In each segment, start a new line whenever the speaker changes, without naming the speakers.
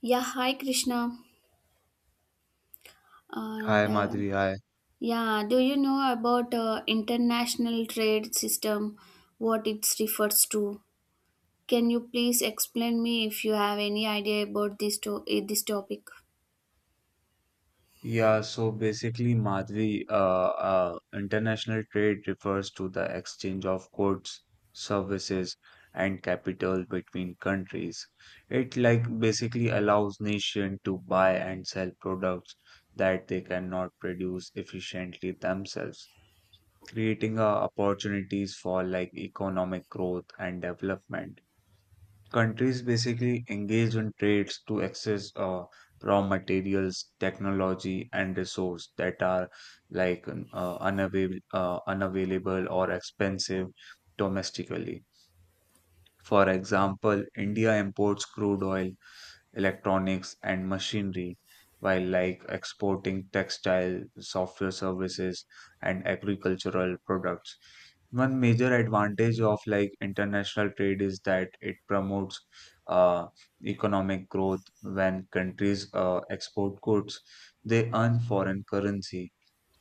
Yeah, hi Krishna.
Hi
And
Madhuri, hi.
yeah, do you know about international trade system, what it refers to? Can you please explain me if you have any idea about this topic?
Yeah, so basically, Madhuri, international trade refers to the exchange of goods, services, and capital between countries. It like basically allows nation to buy and sell products that they cannot produce efficiently themselves, creating opportunities for like economic growth and development. Countries basically engage in trades to access raw materials, technology, and resource that are like unavailable or expensive domestically. For example, India imports crude oil electronics, and machinery, while like exporting textile, software services, and agricultural products. One major advantage of like international trade is that it promotes uh, economic growth when countries export goods, they earn foreign currency,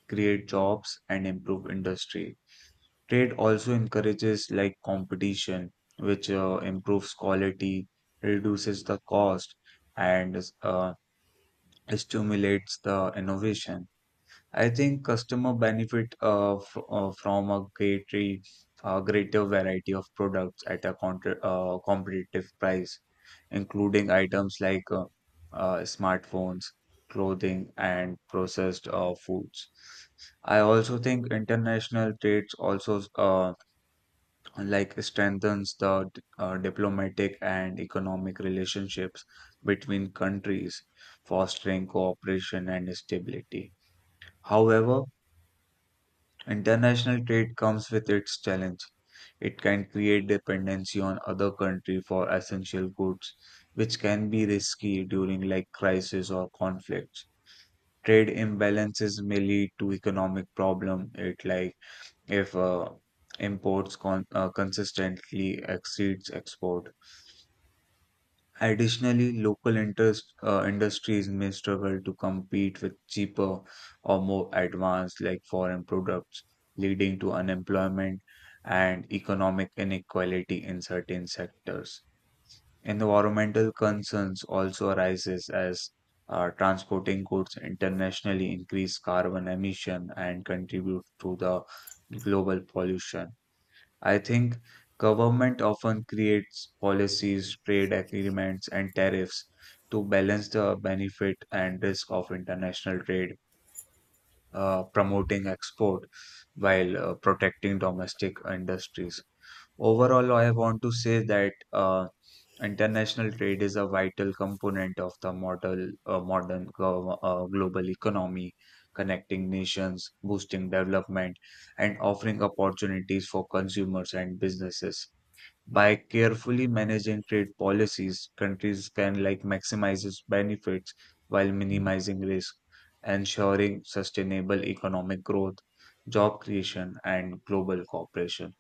create jobs, and improve industry. Trade also encourages like competition, which improves quality, reduces the cost, and stimulates the innovation. I think customer benefit fr from a greater variety of products at a contra competitive price, including items like smartphones, clothing, and processed foods. I also think international trades also like strengthens the diplomatic and economic relationships between countries, fostering cooperation and stability. However, international trade comes with its challenge. It can create dependency on other country for essential goods, which can be risky during like crisis or conflicts. Trade imbalances may lead to economic problem. It like if imports consistently exceeds export. Additionally, local interest industries may struggle to compete with cheaper or more advanced like foreign products, leading to unemployment and economic inequality in certain sectors. Environmental concerns also arises as transporting goods internationally increase carbon emission and contribute to the global pollution. I think government often creates policies, trade agreements, and tariffs to balance the benefit and risk of international trade, promoting export while protecting domestic industries. Overall, I want to say that international trade is a vital component of the modern global economy, connecting nations, boosting development, and offering opportunities for consumers and businesses. By carefully managing trade policies, countries can like maximize its benefits while minimizing risk, ensuring sustainable economic growth, job creation, and global cooperation.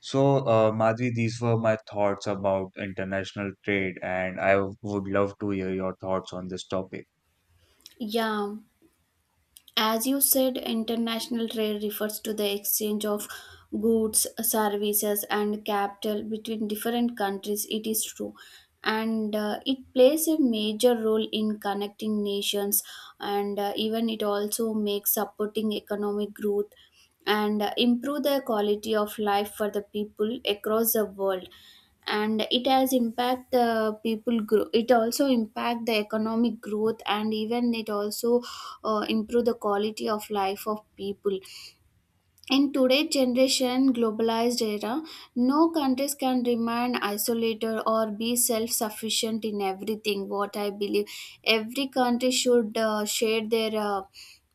So, Madhvi, these were my thoughts about international trade, and I would love to hear your thoughts on this topic.
Yeah. As you said, international trade refers to the exchange of goods, services, and capital between different countries. It is true. And it plays a major role in connecting nations, and even it also makes supporting economic growth and improve the quality of life for the people across the world, and it has impact the people grow, it also impact the economic growth, and even it also improve the quality of life of people in today's generation, globalized era. No countries can remain isolated or be self-sufficient in everything. What I believe, every country should share their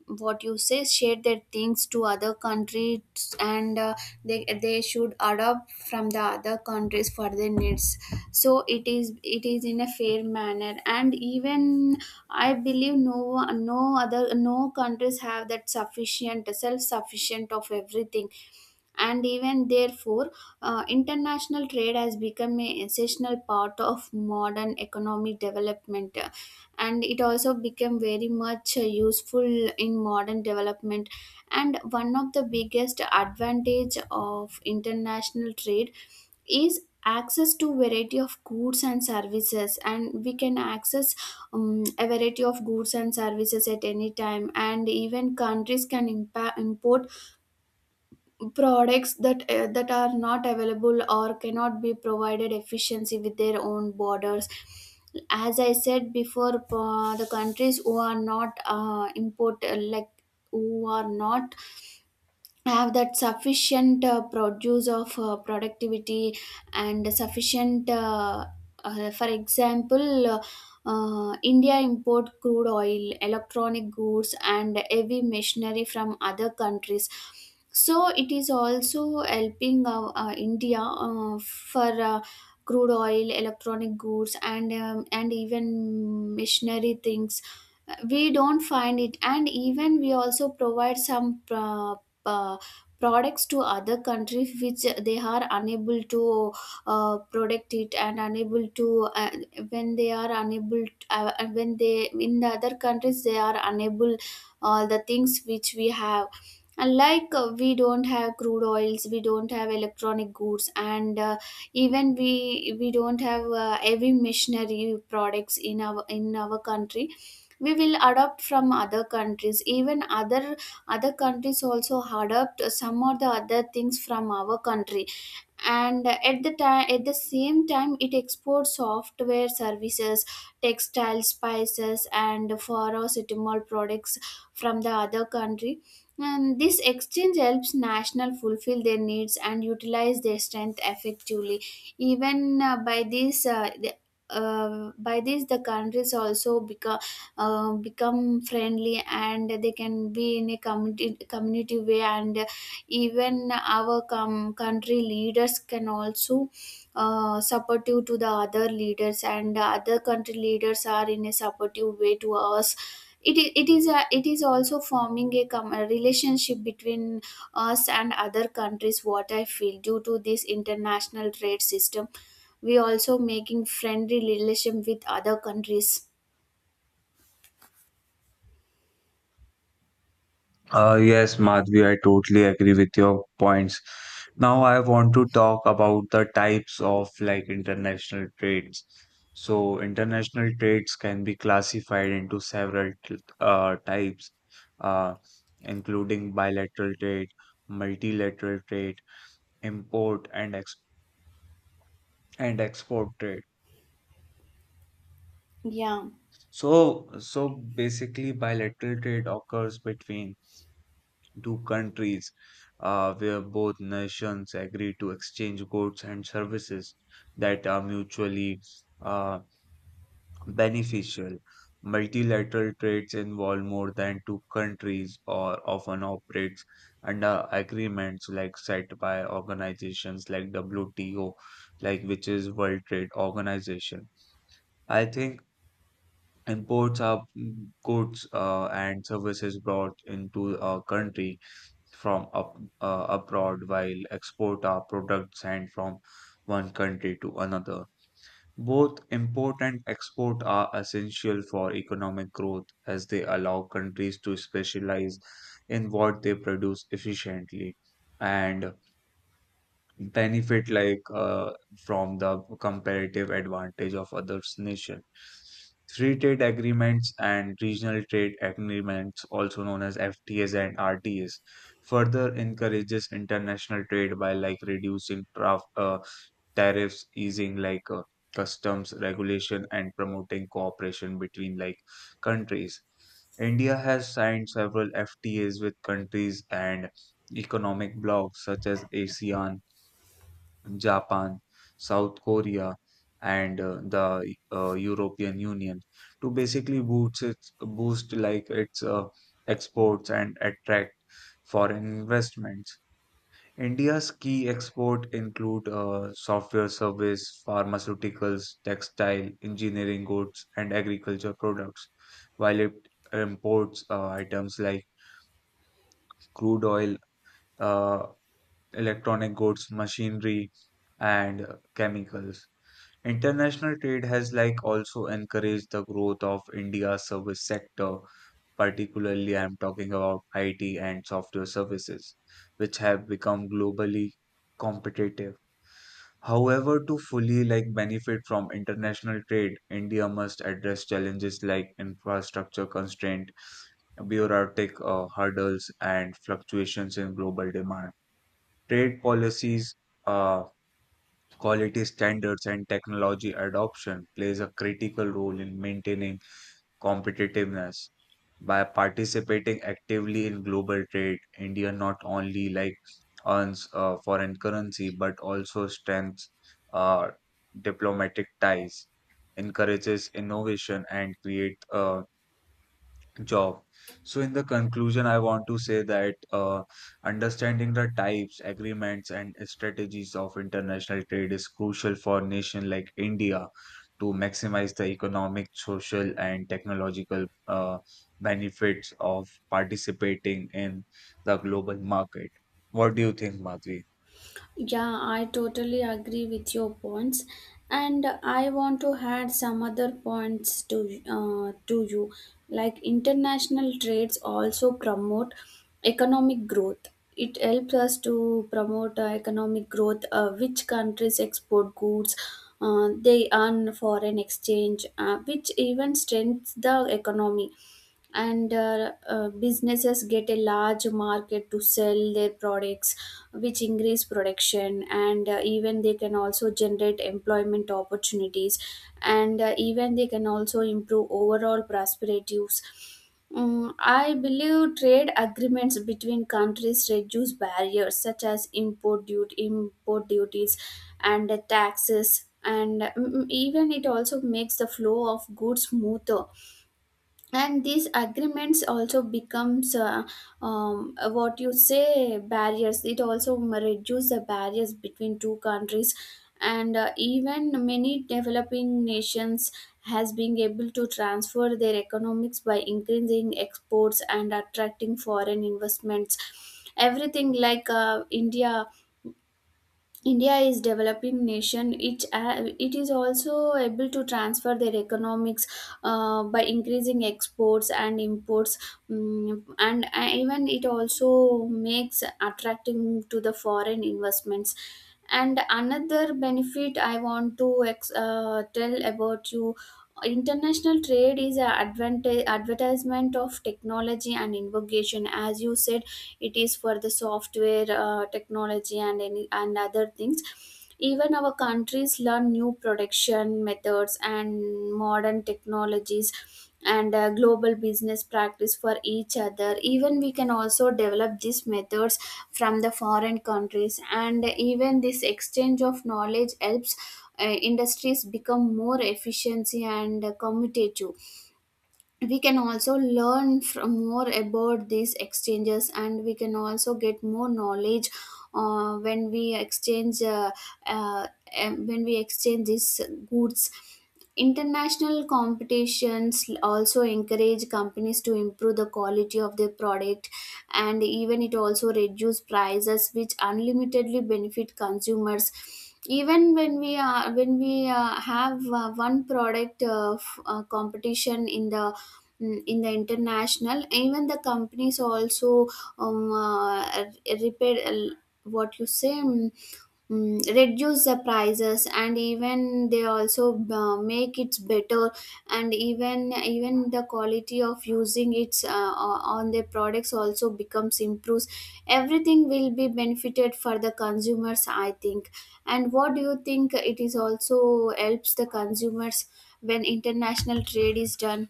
what you say, share their things to other countries, and they should adopt from the other countries for their needs. So it is in a fair manner, and even I believe no countries have that sufficient self sufficient of everything, and even therefore international trade has become an essential part of modern economic development, and it also became very much useful in modern development, and one of the biggest advantage of international trade is access to variety of goods and services, and we can access a variety of goods and services at any time, and even countries can import products that that are not available or cannot be provided efficiency with their own borders. As I said before, the countries who are not import like who are not have that sufficient produce of productivity and sufficient for example, India import crude oil electronic goods and heavy machinery from other countries, so it is also helping India for crude oil electronic goods and even machinery things we don't find it, and even we also provide some uh, products to other countries which they are unable to protect it, and unable to when they are unable when they in the other countries they are unable all the things which we have. And like we don't have crude oils, we don't have electronic goods, and even we don't have heavy machinery products in our country. We will adopt from other countries, even other countries also adopt some or the other things from our country. And at the same time it exports software services, textile, spices, and pharmaceutical products from the other country, and this exchange helps national fulfill their needs and utilize their strength effectively. Even by this the countries also become become friendly, and they can be in a community way, and even our country leaders can also supportive to the other leaders, and other country leaders are in a supportive way to us. It is also forming a relationship between us and other countries, what I feel. Due to this international trade system we also making friendly relation with other countries.
Yes, Madhvi, I totally agree with your points. Now I want to talk about the types of like international trades. So international trades can be classified into several types, uh, including bilateral trade, multilateral trade, import and ex and export trade.
Yeah.
So basically bilateral trade occurs between two countries where both nations agree to exchange goods and services that are mutually uh, beneficial. Multilateral trades involve more than two countries or often operates under agreements like set by organizations like WTO, like which is World Trade Organization. I think imports are mm, goods and services brought into a country from abroad while export our products and from one country to another. Both import and export are essential for economic growth as they allow countries to specialize in what they produce efficiently. And benefit like from the comparative advantage of others nation free trade agreements and regional trade agreements also known as ftas and rtas further encourages international trade by like reducing tariffs easing like customs regulation and promoting cooperation between like countries india has signed several ftas with countries and economic blocs such as asean Japan, South Korea, and the European Union to basically boost like its exports and attract foreign investments. India's key export include software service, pharmaceuticals, textile, engineering goods, and agriculture products, while it imports items like crude oil, uh, electronic goods, machinery, and chemicals. International trade has like also encouraged the growth of India's service sector, particularly I'm talking about IT and software services, which have become globally competitive. However, to fully like benefit from international trade, India must address challenges like infrastructure constraint, bureaucratic hurdles, and fluctuations in global demand. Trade policies uh, quality standards and technology adoption plays a critical role in maintaining competitiveness. By participating actively in global trade, India not only like earns foreign currency but also strengthens uh, diplomatic ties, encourages innovation and create job. So, in the conclusion, I want to say that understanding the types, agreements, and strategies of international trade is crucial for a nation like India to maximize the economic, social, and technological benefits of participating in the global market. What do you think, Madhvi?
Yeah, I totally agree with your points, and I want to add some other points to you. Like international trades also promote economic growth. It helps us to promote economic growth. Which countries export goods? They earn foreign exchange, which even strengthens the economy, and businesses get a large market to sell their products which increase production, and even they can also generate employment opportunities, and even they can also improve overall prosperities. I believe trade agreements between countries reduce barriers such as import duty, import duties, and taxes, and even it also makes the flow of goods smoother, and these agreements also becomes what you say barriers, it also reduce the barriers between two countries. And even many developing nations has been able to transfer their economics by increasing exports and attracting foreign investments, everything like India is developing nation. It is also able to transfer their economics by increasing exports and imports. And even it also makes attracting to the foreign investments. And another benefit I want to tell about you. International trade is an advantage advertisement of technology and innovation, as you said, it is for the software technology and any and other things. Even our countries learn new production methods and modern technologies, and global business practice for each other. Even we can also develop these methods from the foreign countries, and even this exchange of knowledge helps industries become more efficient and commutative. We can also learn from more about these exchanges, and we can also get more knowledge when we exchange when we exchange these goods. International competitions also encourage companies to improve the quality of their product, and even it also reduce prices which unlimitedly benefit consumers. Even when we have one product competition in the in the international, even the companies also um, uh, repair what you say reduce the prices, and even they also make it better, and even the quality of using it on their products also becomes improves. Everything will be benefited for the consumers, I think. And what do you think, it is also helps the consumers when international trade is done.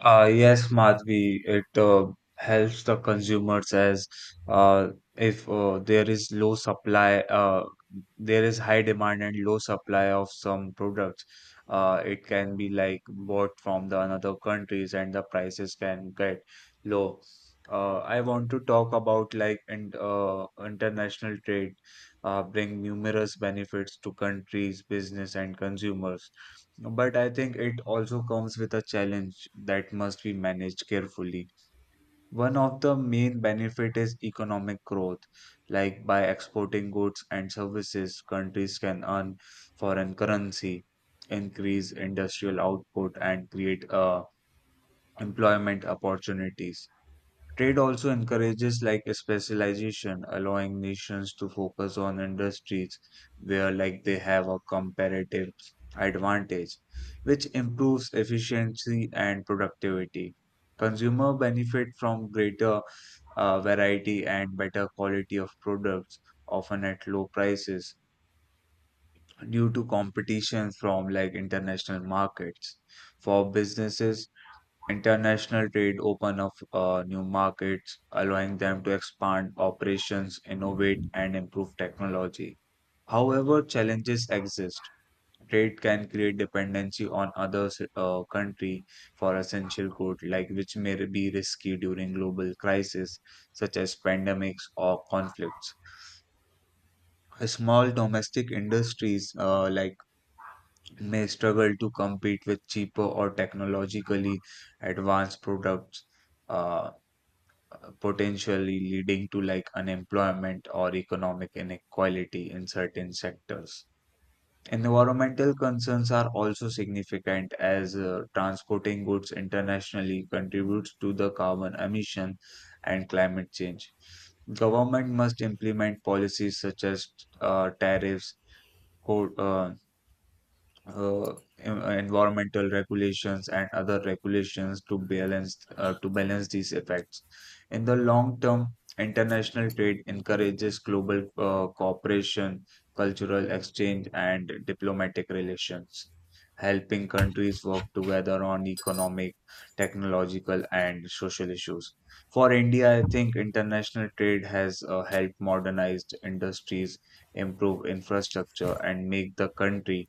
Yes, Madhvi, it helps the consumers as uh, if there is low supply, there is high demand and low supply of some products. It can be like bought from the another countries and the prices can get low. I want to talk about like international trade, bring numerous benefits to countries, business, and consumers but I think it also comes with a challenge that must be managed carefully. One of the main benefit is economic growth. Like by exporting goods and services, countries can earn foreign currency, increase industrial output, and create employment opportunities. Trade also encourages like a specialization, allowing nations to focus on industries where like they have a comparative advantage, which improves efficiency and productivity. Consumer benefit from greater variety and better quality of products, often at low prices, due to competition from like international markets. For businesses, international trade opened up new markets, allowing them to expand operations, innovate, and improve technology. However, challenges exist. Trade can create dependency on other country for essential goods, like which may be risky during global crises such as pandemics or conflicts. Small domestic industries like may struggle to compete with cheaper or technologically advanced products. Uh, Potentially leading to like unemployment or economic inequality in certain sectors. Environmental concerns are also significant as transporting goods internationally contributes to the carbon emission and climate change. Government must implement policies such as tariffs, quote, uh, uh, environmental regulations and other regulations to balance these effects. In the long term, international trade encourages global cooperation, cultural exchange, and diplomatic relations, helping countries work together on economic, technological, and social issues. For India, I think international trade has helped modernize industries, improve infrastructure, and make the country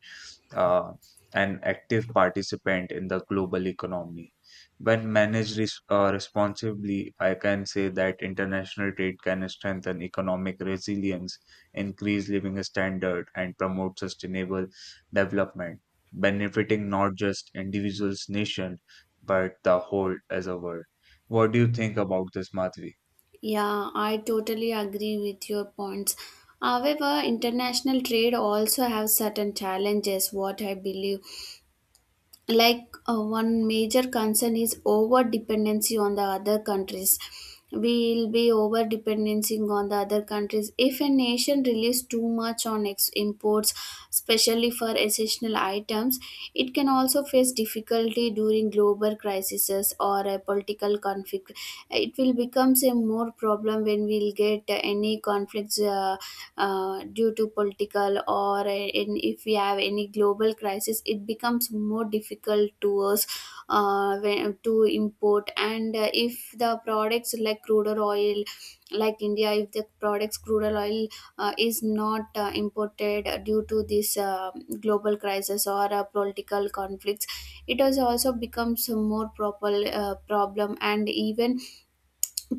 uh, an active participant in the global economy. When managed responsibly, I can say that international trade can strengthen economic resilience, increase living standard, and promote sustainable development, benefiting not just individuals, nation, but the whole as a world. What do you think about this, Madhvi?
Yeah, I totally agree with your points. However, international trade also have certain challenges, what I believe. Like one major concern is over dependency on the other countries. We will be over dependencing on the other countries if a nation relies too much on imports, especially for essential items. It can also face difficulty during global crises or a political conflict. It will becomes a more problem when we'll get any conflicts due to political, if we have any global crisis, it becomes more difficult to us to import. And if the products like crude oil, like India, if the products crude oil is not imported due to this global crisis or political conflicts, it has also becomes a more proper problem, and even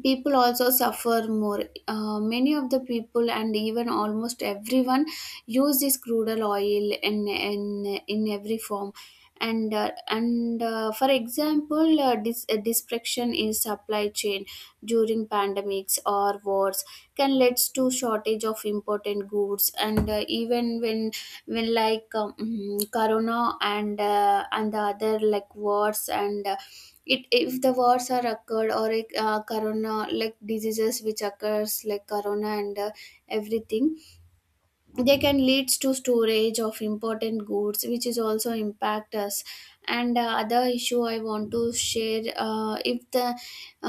people also suffer more. Many of the people and even almost everyone use this crude oil in in every form. And for example, disruption in supply chain during pandemics or wars can lead to shortage of important goods. And even when like corona, and and the other like wars, and it if the wars are occurred, or corona like diseases which occurs like corona and everything, they can leads to storage of important goods which is also impact us. And other issue I want to share. uh, if the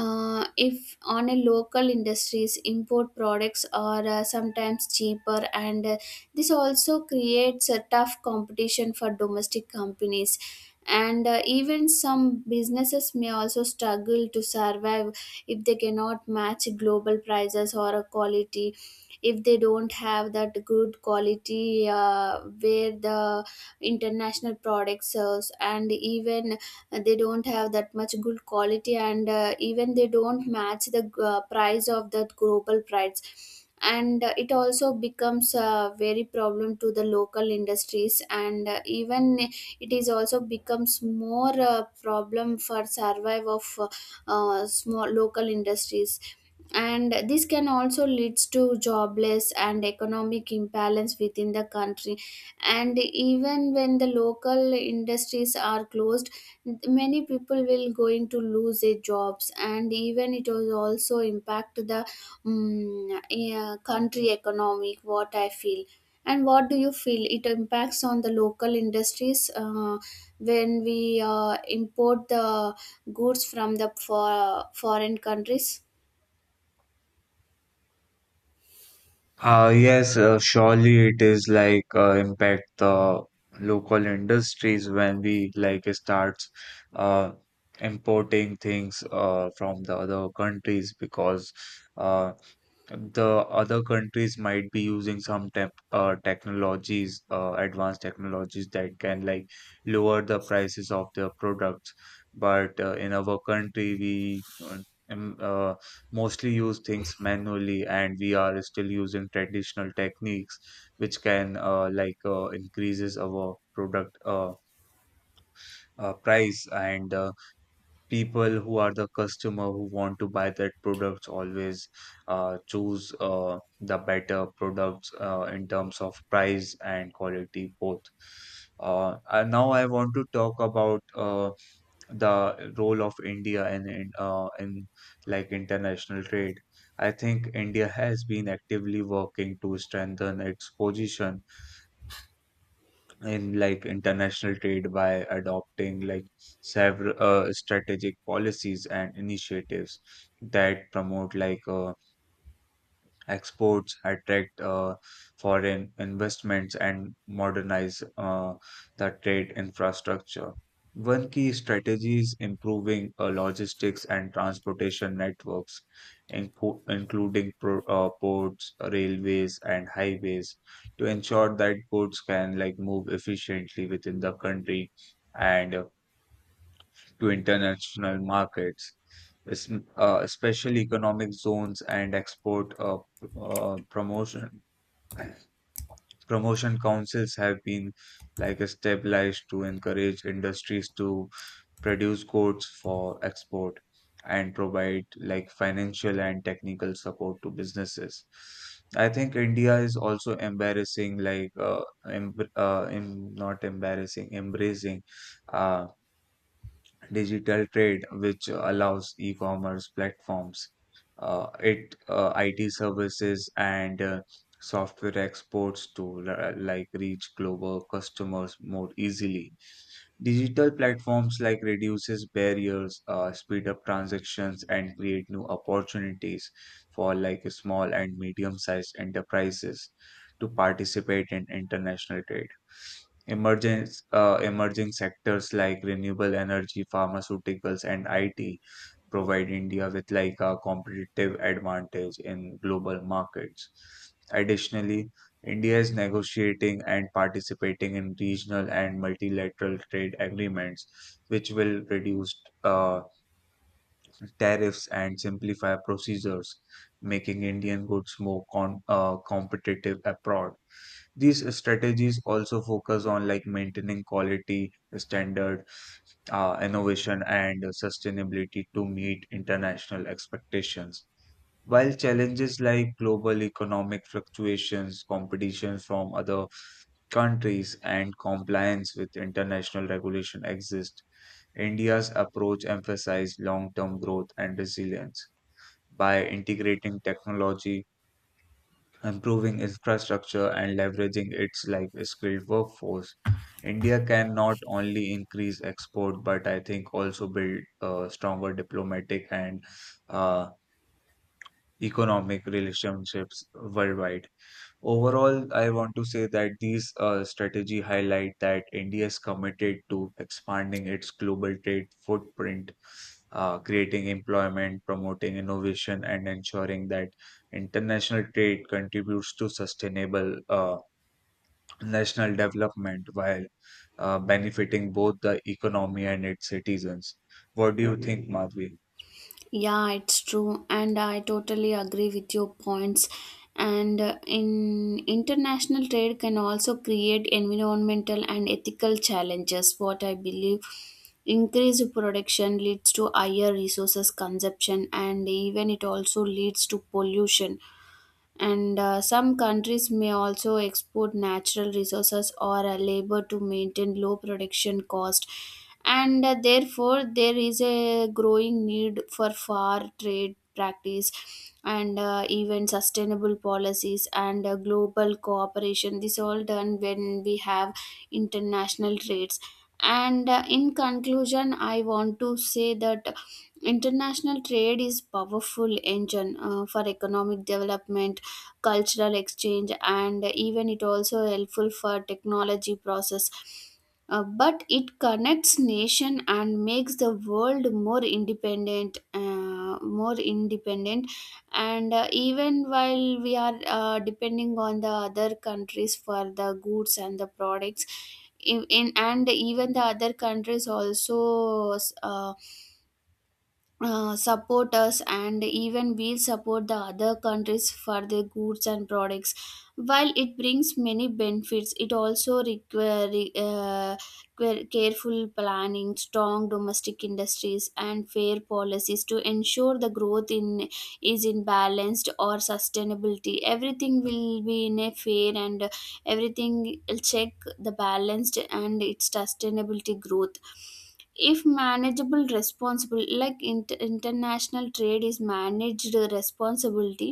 uh, If on a local industries, import products are sometimes cheaper, and this also creates a tough competition for domestic companies, and even some businesses may also struggle to survive if they cannot match global prices or a quality. If they don't have that good quality where the international product sells, and even they don't have that much good quality, and even they don't match the price of that global price, and it also becomes a very problem to the local industries, and even it is also becomes more problem for survive of small local industries, and this can also leads to jobless and economic imbalance within the country. And even when the local industries are closed, many people will going to lose their jobs, and even it will also impact the yeah, country economic, what I feel. And what do you feel, it impacts on the local industries when we import the goods from the foreign countries?
Yes, surely it is like impact the local industries when we like starts uh, importing things from the other countries because uh, the other countries might be using some technologies, advanced technologies that can like lower the prices of their products. But in our country, we um, uh, mostly use things manually, and we are still using traditional techniques, which can like increases our product price and people who are the customer who want to buy that products always choose the better products in terms of price and quality both. And now I want to talk about the role of India in like international trade. I think India has been actively working to strengthen its position in like international trade by adopting like several strategic policies and initiatives that promote like exports attract foreign investments and modernize the trade infrastructure. One key strategy is improving logistics and transportation networks, including ports, railways, and highways, to ensure that goods can like move efficiently within the country and to international markets, es- especially economic zones and export p- promotion promotion councils have been like established to encourage industries to produce goods for export and provide like financial and technical support to businesses. I think India is also embarrassing, like not embarrassing, embracing uh, digital trade, which allows e-commerce platforms, IT services and software exports to like reach global customers more easily. Digital platforms like reduces barriers, speed up transactions, and create new opportunities for like small and medium-sized enterprises to participate in international trade. Emerging, Emerging sectors like renewable energy, pharmaceuticals, and IT provide India with like a competitive advantage in global markets. Additionally, India is negotiating and participating in regional and multilateral trade agreements, which will reduce tariffs and simplify procedures, making Indian goods more competitive abroad. These strategies also focus on like maintaining quality standard, innovation, and sustainability to meet international expectations. While challenges like global economic fluctuations, competition from other countries, and compliance with international regulation exist, India's approach emphasizes long term growth and resilience by integrating technology, improving infrastructure, and leveraging its like skilled workforce. India can not only increase export but I think also build a stronger diplomatic and uh, economic relationships worldwide. Overall, I want to say that these strategy highlight that India is committed to expanding its global trade footprint, creating employment, promoting innovation, and ensuring that international trade contributes to sustainable national development while benefiting both the economy and its citizens. What do you think, Madhvi?
Yeah, it's true, and I totally agree with your points. And in international trade can also create environmental and ethical challenges, what I believe. Increased production leads to higher resources consumption, and even it also leads to pollution, and some countries may also export natural resources or labor to maintain low production cost, and therefore there is a growing need for far trade practice, and even sustainable policies, and global cooperation, this all done when we have international trades. And in conclusion, I want to say that international trade is powerful engine for economic development, cultural exchange, and even it also helpful for technology process. But it connects nation and makes the world more independent, more independent, and even while we are depending on the other countries for the goods and the products, in and even the other countries also uh, support us, and even we support the other countries for their goods and products. While it brings many benefits, it also requires careful planning, strong domestic industries, and fair policies to ensure the growth in is in balanced or sustainability. Everything will be in a fair, and everything will check the balanced and its sustainability growth. If manageable responsible, like international trade is managed responsibility,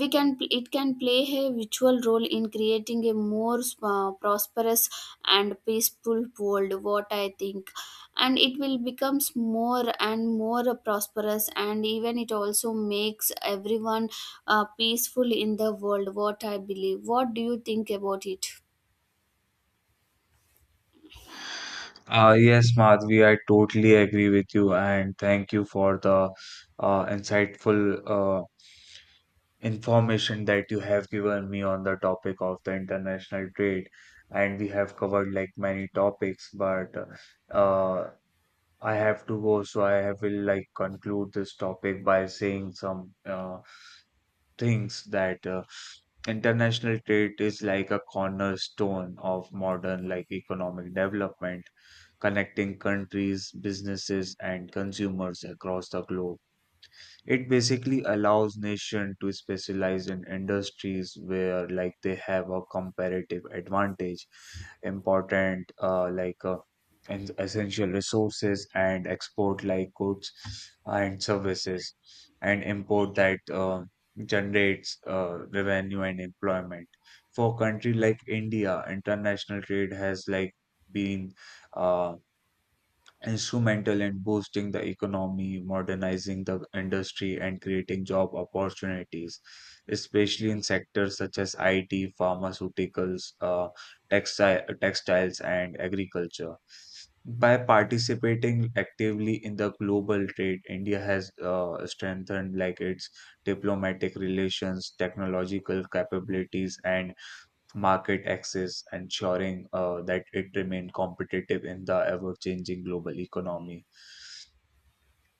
we can it can play a virtual role in creating a more prosperous and peaceful world, what I think, and it will becomes more and more prosperous, and even it also makes everyone peaceful in the world, what I believe. What do you think about it?
Yes, Madhvi, I totally agree with you, and thank you for the insightful information that you have given me on the topic of the international trade. And we have covered like many topics, but uh, I have to go, so I will like conclude this topic by saying some things that international trade is like a cornerstone of modern like economic development, connecting countries, businesses, and consumers across the globe. It basically allows nation to specialize in industries where like they have a comparative advantage, important like and essential resources and export like goods and services and import that generates revenue and employment. For a country like India, international trade has like been uh, instrumental in boosting the economy, modernizing the industry, and creating job opportunities, especially in sectors such as IT, pharmaceuticals, textiles, and agriculture. By participating actively in the global trade, India has strengthened like its diplomatic relations, technological capabilities, and market access, ensuring that it remained competitive in the ever changing global economy.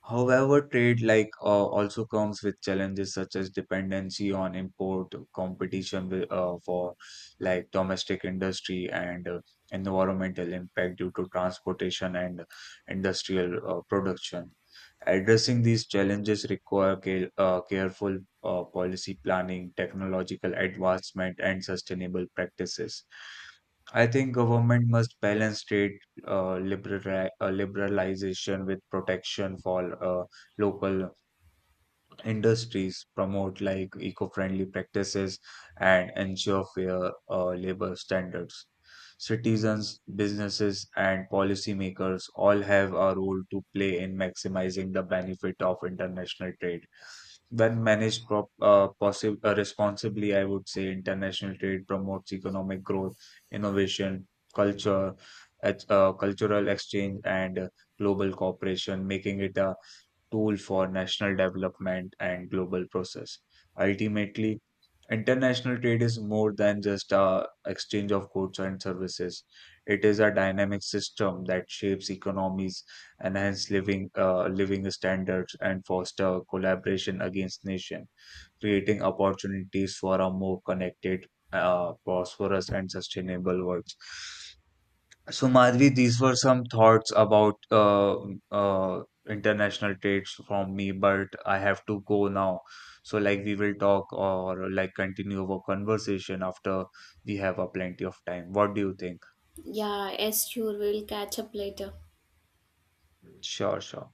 However, trade like also comes with challenges such as dependency on import, competition for like domestic industry, and environmental impact due to transportation and industrial production. Addressing these challenges require careful policy planning, technological advancement, and sustainable practices. I think government must balance trade liberalization with protection for local industries promote like eco-friendly practices and ensure fair labor standards. Citizens, businesses, and policymakers all have a role to play in maximizing the benefit of international trade. When managed responsibly, I would say international trade promotes economic growth, innovation, culture, cultural exchange, and global cooperation, making it a tool for national development and global process. Ultimately, international trade is more than just a exchange of goods and services. It is a dynamic system that shapes economies, enhance living standards, and foster collaboration against nation, creating opportunities for a more connected, prosperous, and sustainable world. So, Madhvi, these were some thoughts about uh, international trades from me, but I have to go now. So, like, we will talk or like continue our conversation after we have a plenty of time. What do you think?
Yeah, yes, sure, we'll catch up later.
Sure, sure.